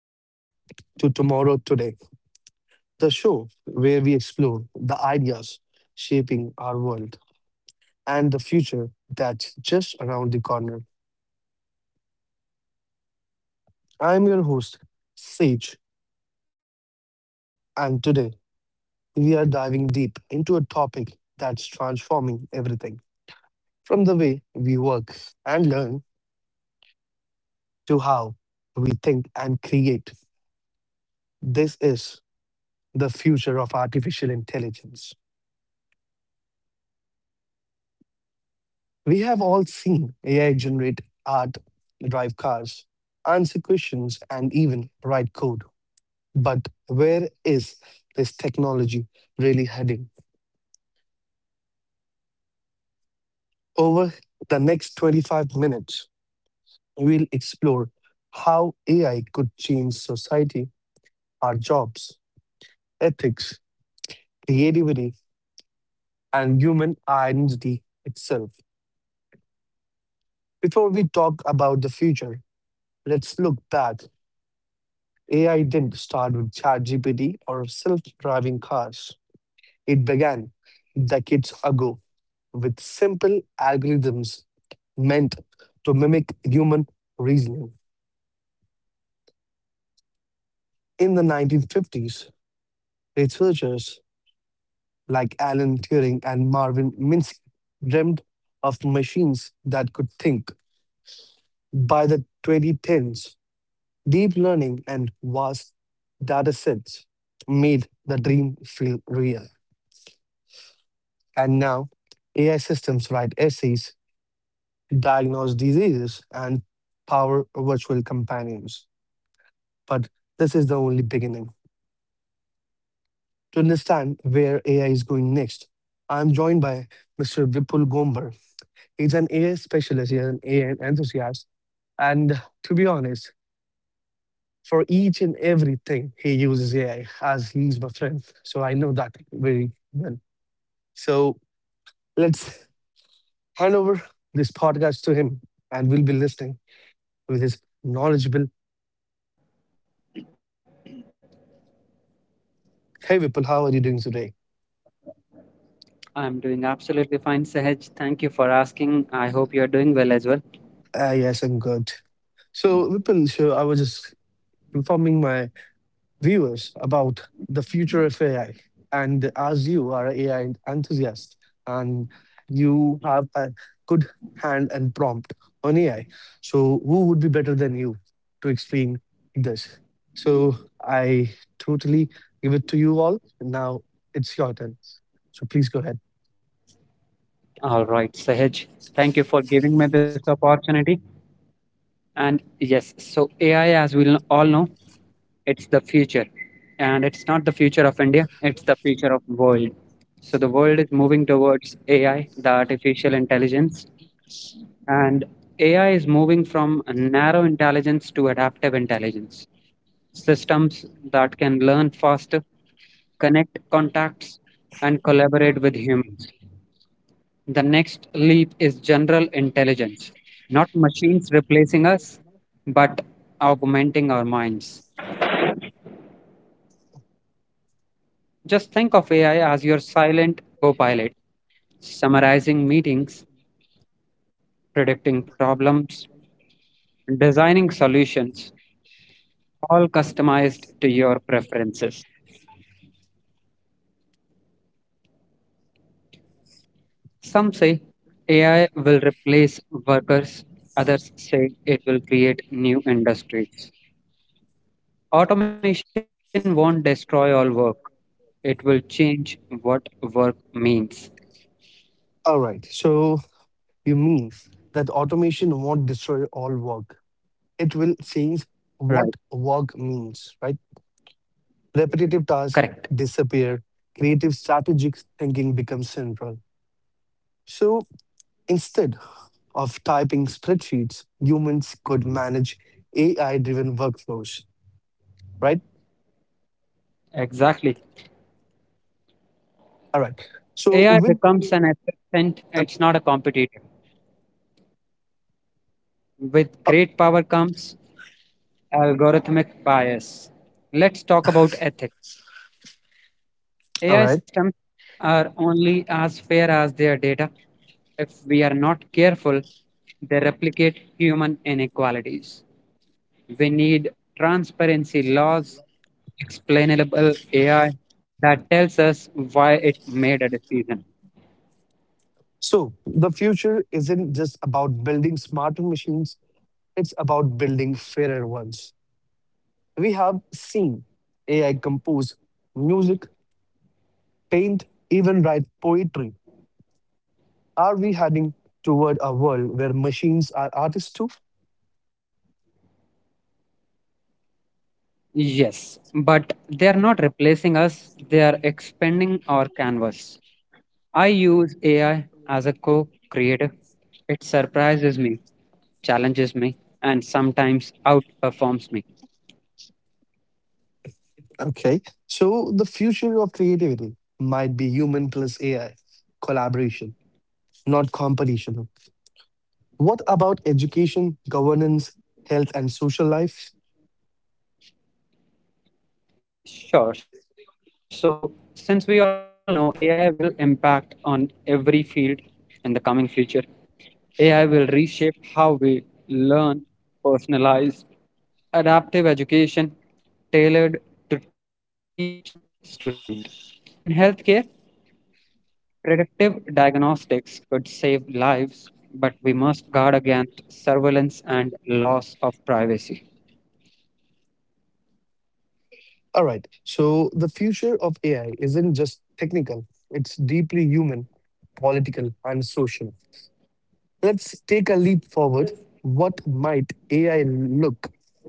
Welcome to Tomorrow Today, the show where we explore the ideas shaping our world and the future that's just around the corner. I'm your host, Sage, and today we are diving deep into a topic that's transforming everything from the way we work and learn to how we think and create. This is the future of artificial intelligence. We have all seen AI generate art, drive cars, answer questions, and even write code. But where is this technology really heading? Over the next 25 minutes, we'll explore how AI could change society, our jobs, ethics, creativity, and human identity itself. Before we talk about the future, let's look back. AI didn't start with ChatGPT or self driving cars. It began decades ago with simple algorithms meant to mimic human reasoning. In the 1950s, researchers like Alan Turing and Marvin Minsky dreamed of machines that could think. By the 2010s, deep learning and vast datasets made the dream feel real. And now AI systems write essays, diagnose diseases, and power virtual companions. But this is the only beginning. To understand where AI is going next, I'm joined by Mr. Vipul Gombar. He's an AI specialist, he's an AI enthusiast. And to be honest, for each and everything, he uses AI as he's my friend. So I know that very well. So let's hand over this podcast to him and we'll be listening with his knowledgeable. Hey, Vipul, how are you doing today? I'm doing absolutely fine, Sahaj. Thank you for asking. I hope you're doing well as well. Ah, yes, I'm good. So, Vipul, so I was just informing my viewers about the future of AI. And as you are an AI enthusiast and you have a good hand and prompt on AI, so who would be better than you to explain this? So, I totally give it to you all. Now it's your turn. So, please go ahead. All right, Sahaj. Thank you for giving me this opportunity. And yes, so AI, as we all know, it's the future. And it's not the future of India, it's the future of world. So the world is moving towards AI, the artificial intelligence. And AI is moving from a narrow intelligence to adaptive intelligence. Systems that can learn faster, connect contacts, and collaborate with humans. The next leap is general intelligence, not machines replacing us, but augmenting our minds. Just think of AI as your silent co pilot, summarizing meetings, predicting problems, designing solutions, all customized to your preferences. Some say AI will replace workers, others say it will create new industries. Automation won't destroy all work, it will change what work means. All right. So, you mean that automation won't destroy all work. It will change Right. what work means, right? Repetitive tasks Correct. disappear, creative strategic thinking becomes central. So instead of typing spreadsheets, humans could manage AI driven workflows, right? Exactly. All right. AI So, with, becomes an assistant, um, it's not a competitor. With uh, great power comes algorithmic bias. Let's talk about ethics. all AI right. systems are only as fair as their data. If we are not careful, they replicate human inequalities. We need transparency laws, explainable AI that tells us why it made a decision. So, the future isn't just about building smarter machines, it's about building fairer ones. We have seen AI compose music, paint, even write poetry. Are we heading toward a world where machines are artists too? Yes, but they are not replacing us, they are expanding our canvas. I use AI as a co creator. It surprises me, challenges me, and sometimes outperforms me. Okay, so the future of creativity might be human plus AI collaboration, not competition. What about education, governance, health, and social life? Sure, so since we all know AI will impact on every field in the coming future, AI will reshape how we learn, personalize, adaptive education tailored to each student. In healthcare, predictive diagnostics could save lives, but we must guard against surveillance and loss of privacy. All right, so the future of AI isn't just technical, it's deeply human, political, and social. Let's take a leap forward. What might AI look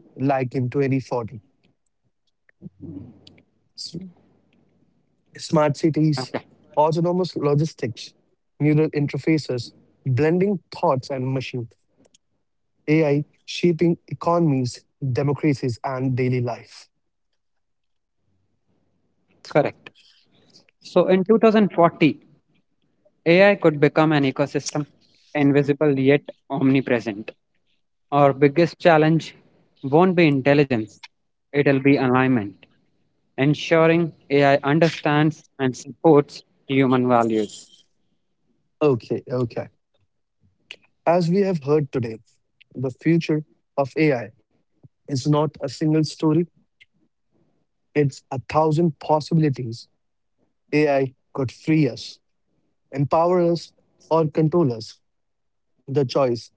like in 2040? S- Smart Okay. cities, autonomous logistics, neural interfaces, blending thoughts and machine, AI shaping economies, democracies, and daily life. Correct. So in 2040, AI could become an ecosystem, invisible yet omnipresent. Our biggest challenge won't be intelligence, it'll be alignment, ensuring AI understands and supports human values. Okay, okay. As we have heard today, the future of AI is not a single story, it's a thousand possibilities. AI could free us, empower us, or control us. The choice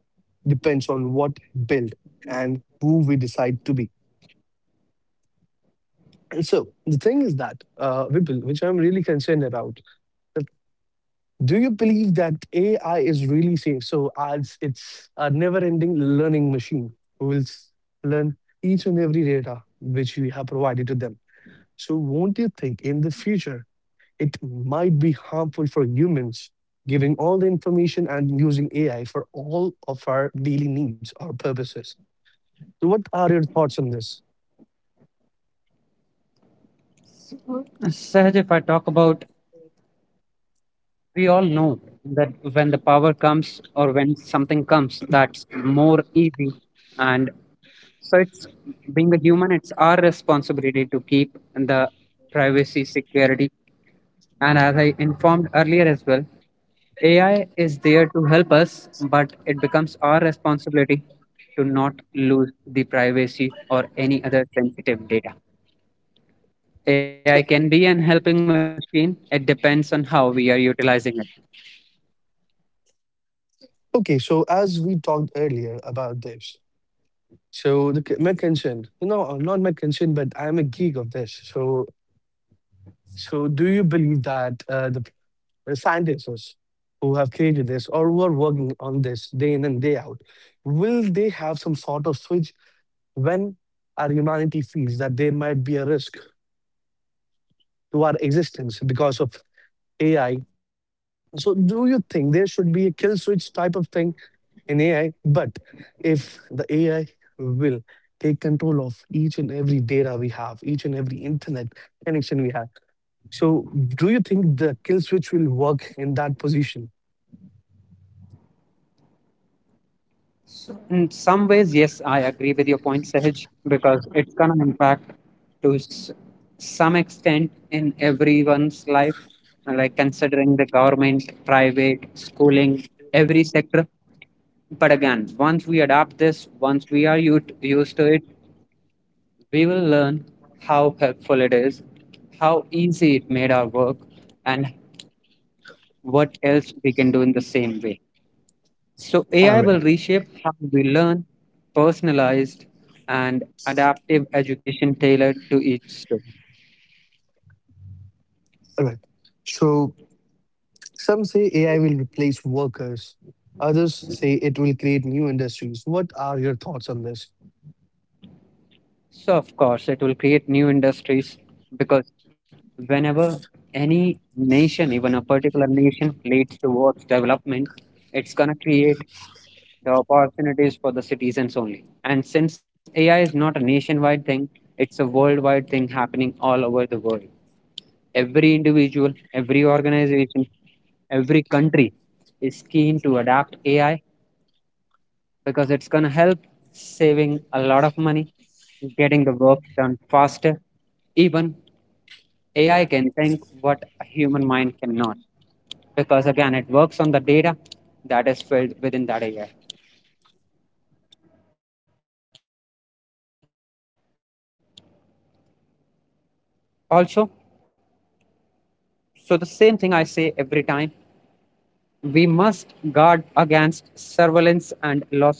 depends on what build and who we decide to be. And so the thing is that, Vipul, which I'm really concerned about, that do you believe that AI is really safe? So as it's a never-ending learning machine who will learn each and every data which we have provided to them. So won't you think in the future it might be harmful for humans giving all the information and using AI for all of our daily needs or purposes? So what are your thoughts on this? Sahaj, if I talk about, we all know that when the power comes or when something comes that's more easy, and so it's, being a human, it's our responsibility to keep the privacy, security. And as I informed earlier as well, AI is there to help us, but it becomes our responsibility to not lose the privacy or any other sensitive data. AI can be an helping machine. It depends on how we are utilizing it. Okay, so as we talked earlier about this, so my concern, no, not my concern, but I am a geek of this. So, so do you believe that the scientists who have created this or who are working on this day in and day out, will they have some sort of switch when our humanity feels that there might be a risk to our existence because of AI? So, do you think there should be a kill switch type of thing in AI? But if the AI will take control of each and every data we have, each and every internet connection we have, so do you think the kill switch will work in that position? So in some ways, yes, I agree with your point, Sahaj, because it's gonna impact to some extent in everyone's life, like considering the government, private, schooling, every sector. But again, once we adapt this, once we are used to it, we will learn how helpful it is, how easy it made our work, and what else we can do in the same way. So All AI will right. reshape how we learn, personalized and adaptive education tailored to each student. All right. So some say AI will replace workers. Others say it will create new industries. What are your thoughts on this? So of course it will create new industries because whenever any nation, even a particular nation leads towards development, it's gonna create the opportunities for the citizens only. And since AI is not a nationwide thing, it's a worldwide thing happening all over the world. Every individual, every organization, every country is keen to adapt AI because it's going to help saving a lot of money, getting the work done faster. Even AI can think what a human mind cannot, because again it works on the data that is filled within that AI. Also, so the same thing I say every time, we must guard against surveillance and loss of privacy.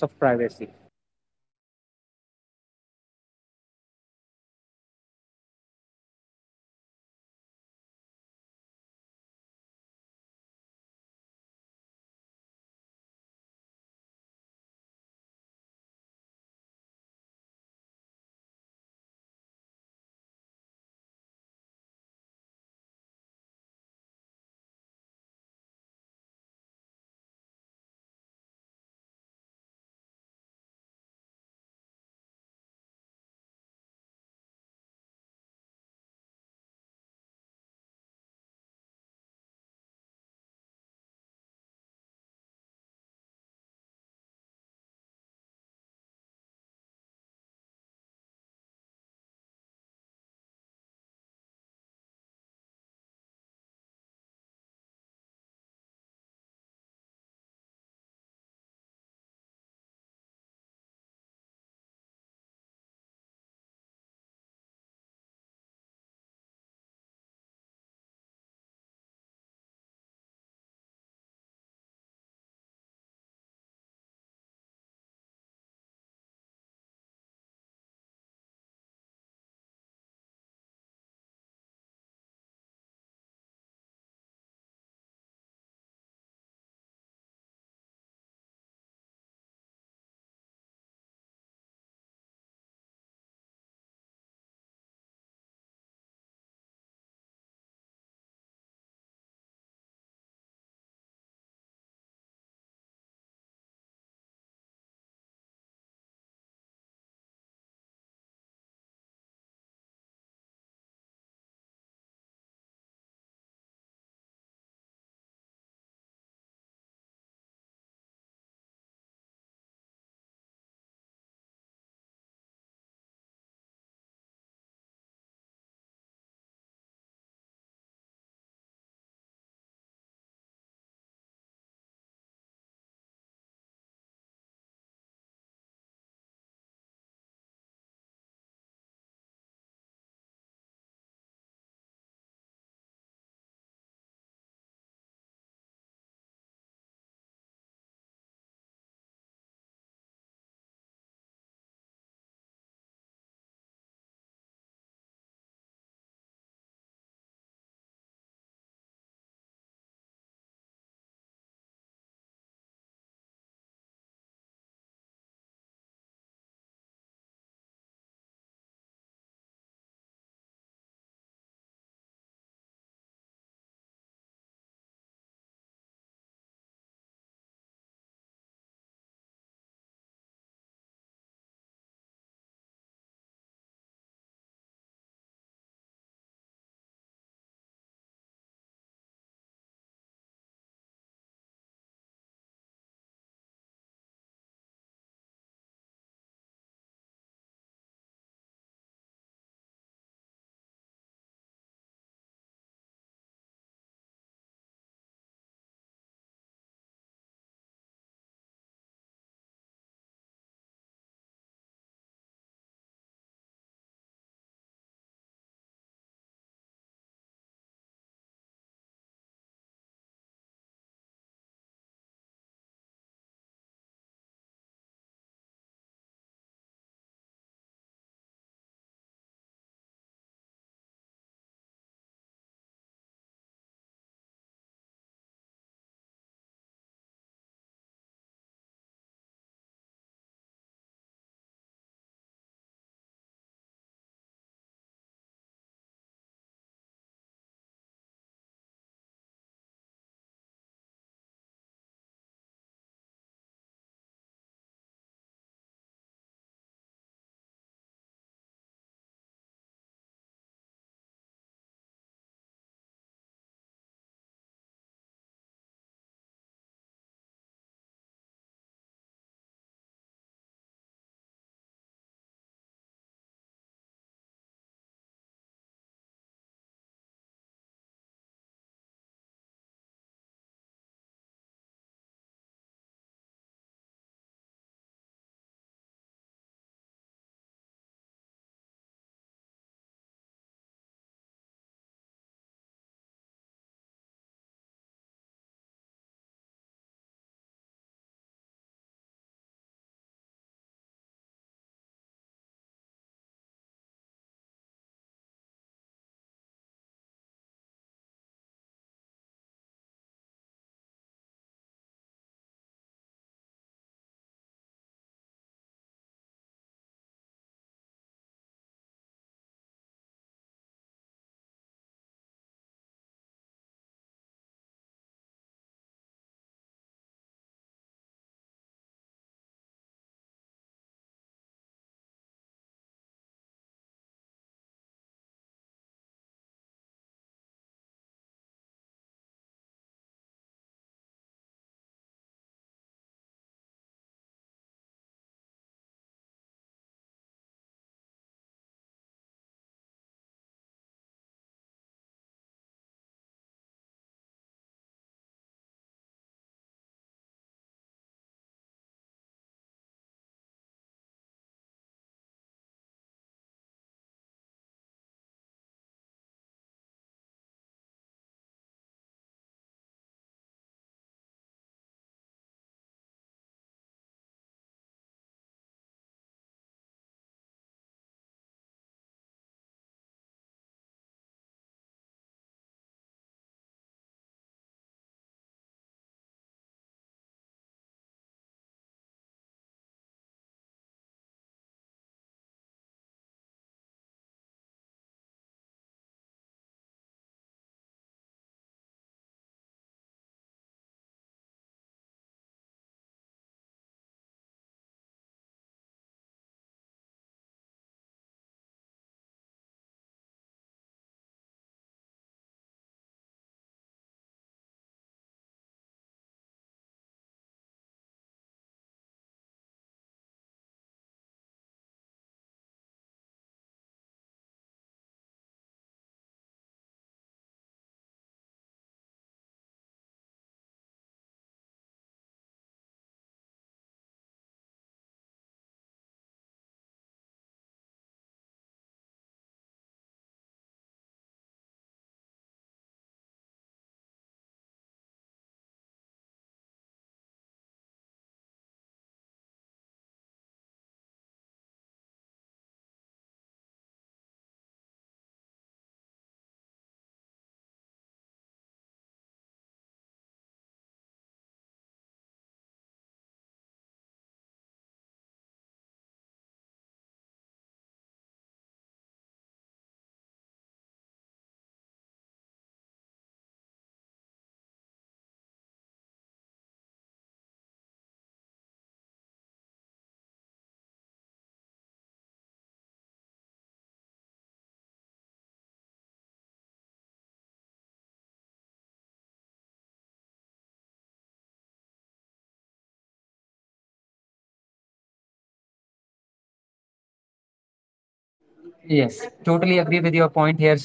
Yes, totally agree with your point here, Sahaj.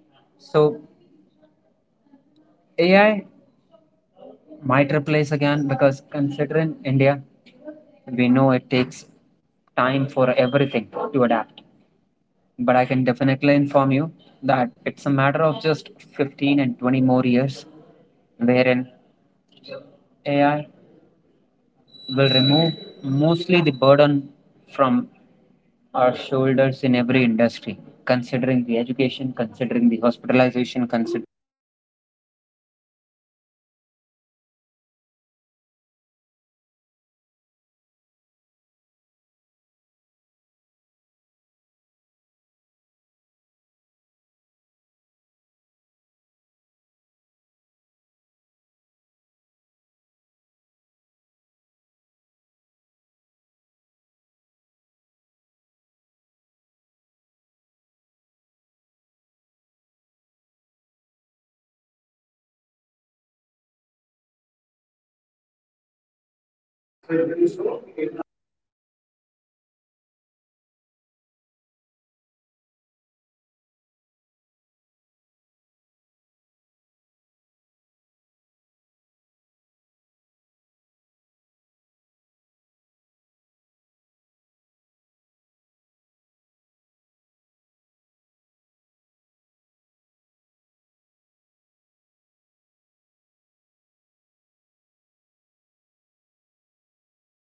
So AI might replace again because considering India, we know it takes time for everything to adapt. But I can definitely inform you that it's a matter of just 15 and 20 more years wherein AI will remove mostly the burden from our shoulders in every industry, considering the education, considering the hospitalization, considering. Yes, I do. I do understand your thoughts on this, but I would consider AI. We can see and and change taking place in AI technology. It won't take 10 to 15 years to 20 years, but you can see a remarkable change in AI in the next coming 5 years. And I do believe so. If an website, if AI can create a website, can code a website which takes up to 2 to 3 days, they can build it within 20 to 15 minutes. So I do believe that in the next coming 5 years, we could see a a remarkable upgrade in AI, but hence we'll also see that AI will eat jobs of almost 40% of the population because everything will be automated from now on. So you do not have to code anything. Even the person, even the engineers who have studied whole of their life in coding,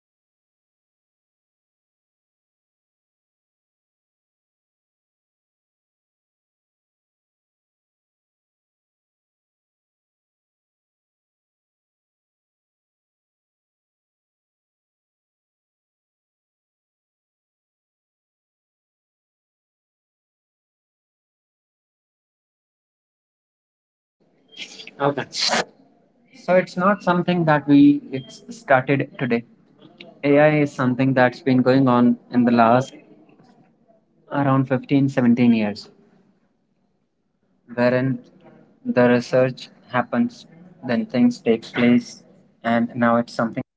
they can also become jobless because the AI can code on behalf of them and more efficiently. And if you'll if you'll talk about money efficiency, financial efficiency, it's very efficient than hiring a person, a human, for doing this work. So what are your thoughts on this? Okay. So it's not something that we it's started today. AI is something that's been going on in the last around 15, 17 years, wherein the research happens, then things takes place, and now it's something.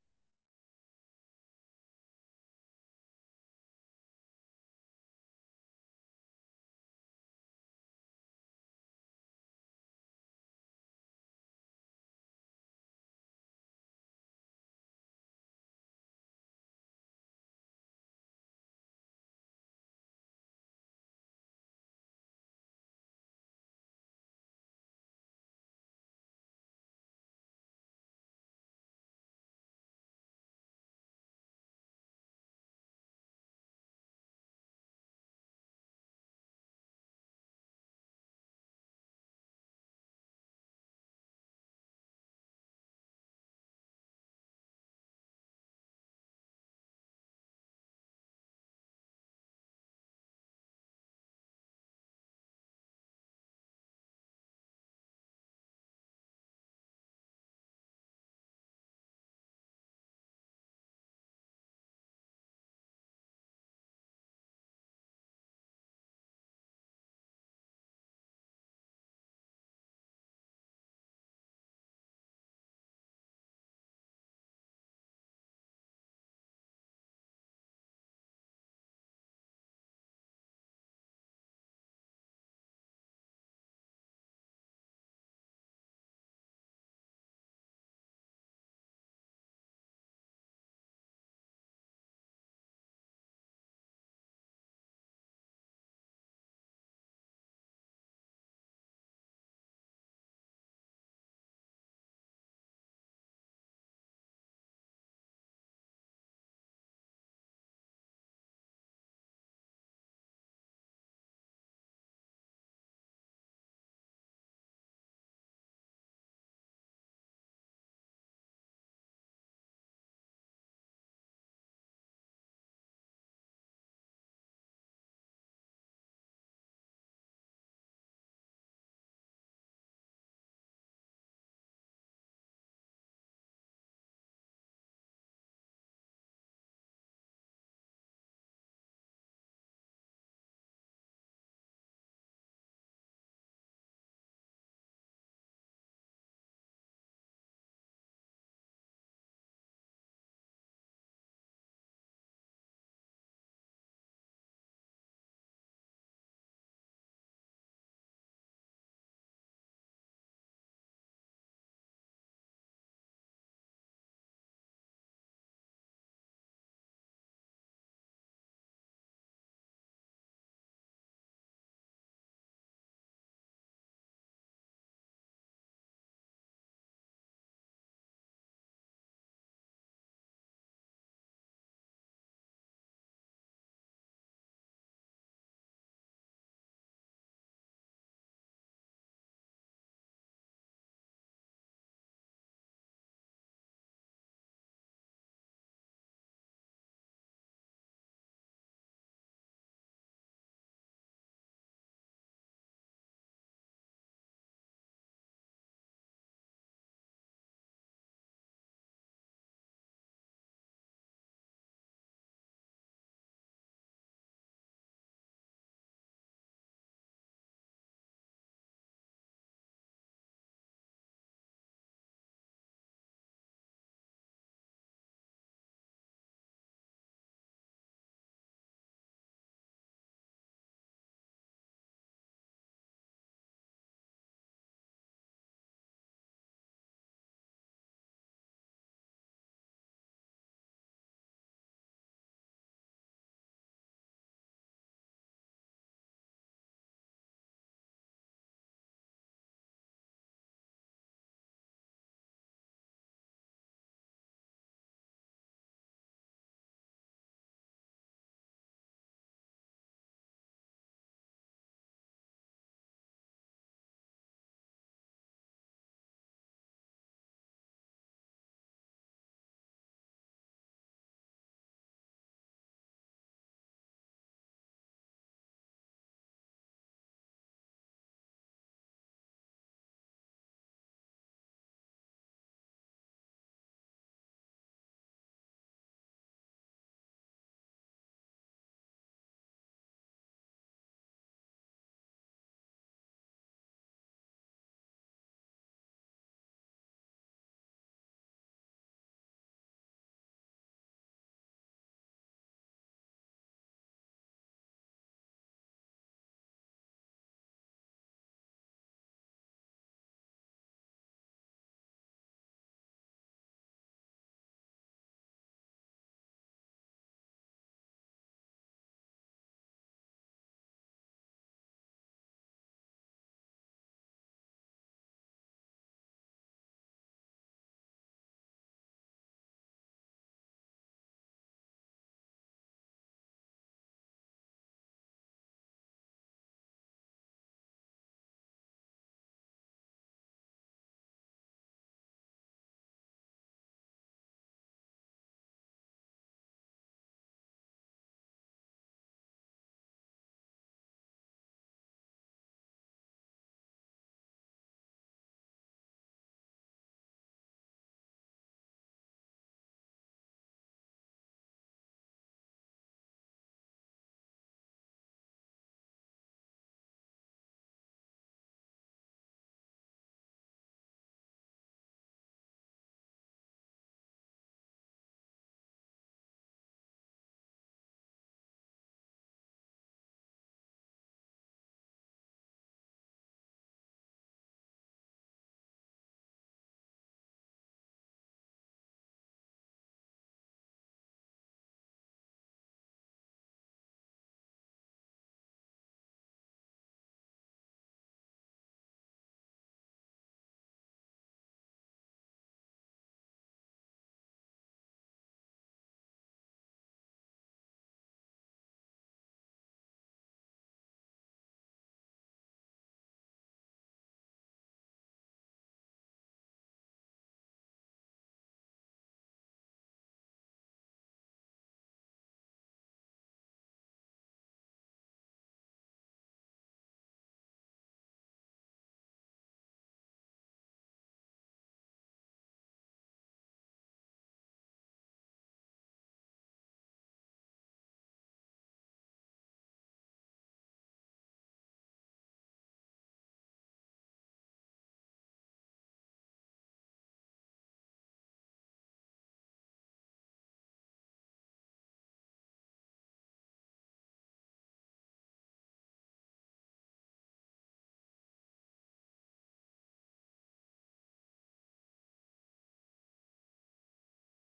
Right. So as we have heard today,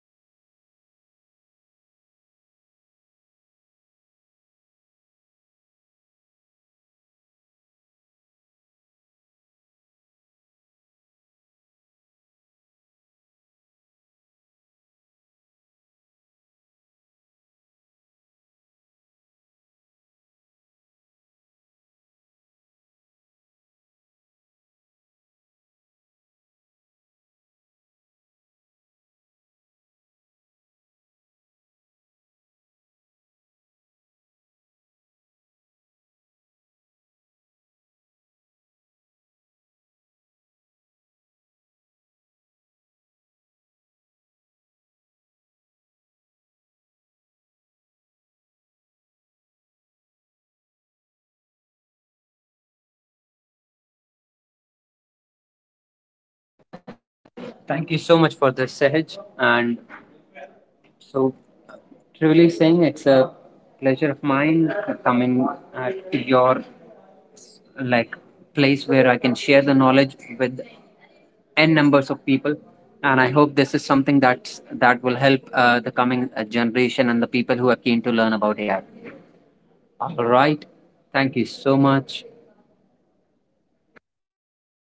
the future of AI is not a single story. It's a thousand of possibilities. AI could free us, empower us, or control us. The choice depends on what we build and who we decide to be. Thank you for joining me on Tomorrow and Today. I'm Sage. If you enjoyed this episode, you can give us a like and wait for the further episodes. At last, I just want to thank Mr. Vipul Bomber for taking out his precious time to shower his knowledge on us with his AI enthusiastic personality. So I really like to thank you, Vipul, for taking out this time, precious time for us and showering your knowledge of AI. Thank you. Thank you so much for this, Sahaj. And so, truly saying, it's a pleasure of mine coming at your, like, place where I can share the knowledge with n numbers of people. And I hope this is something that will help the coming generation and the people who are keen to learn about AI. All right. Thank you so much. Thank you. Bye bye.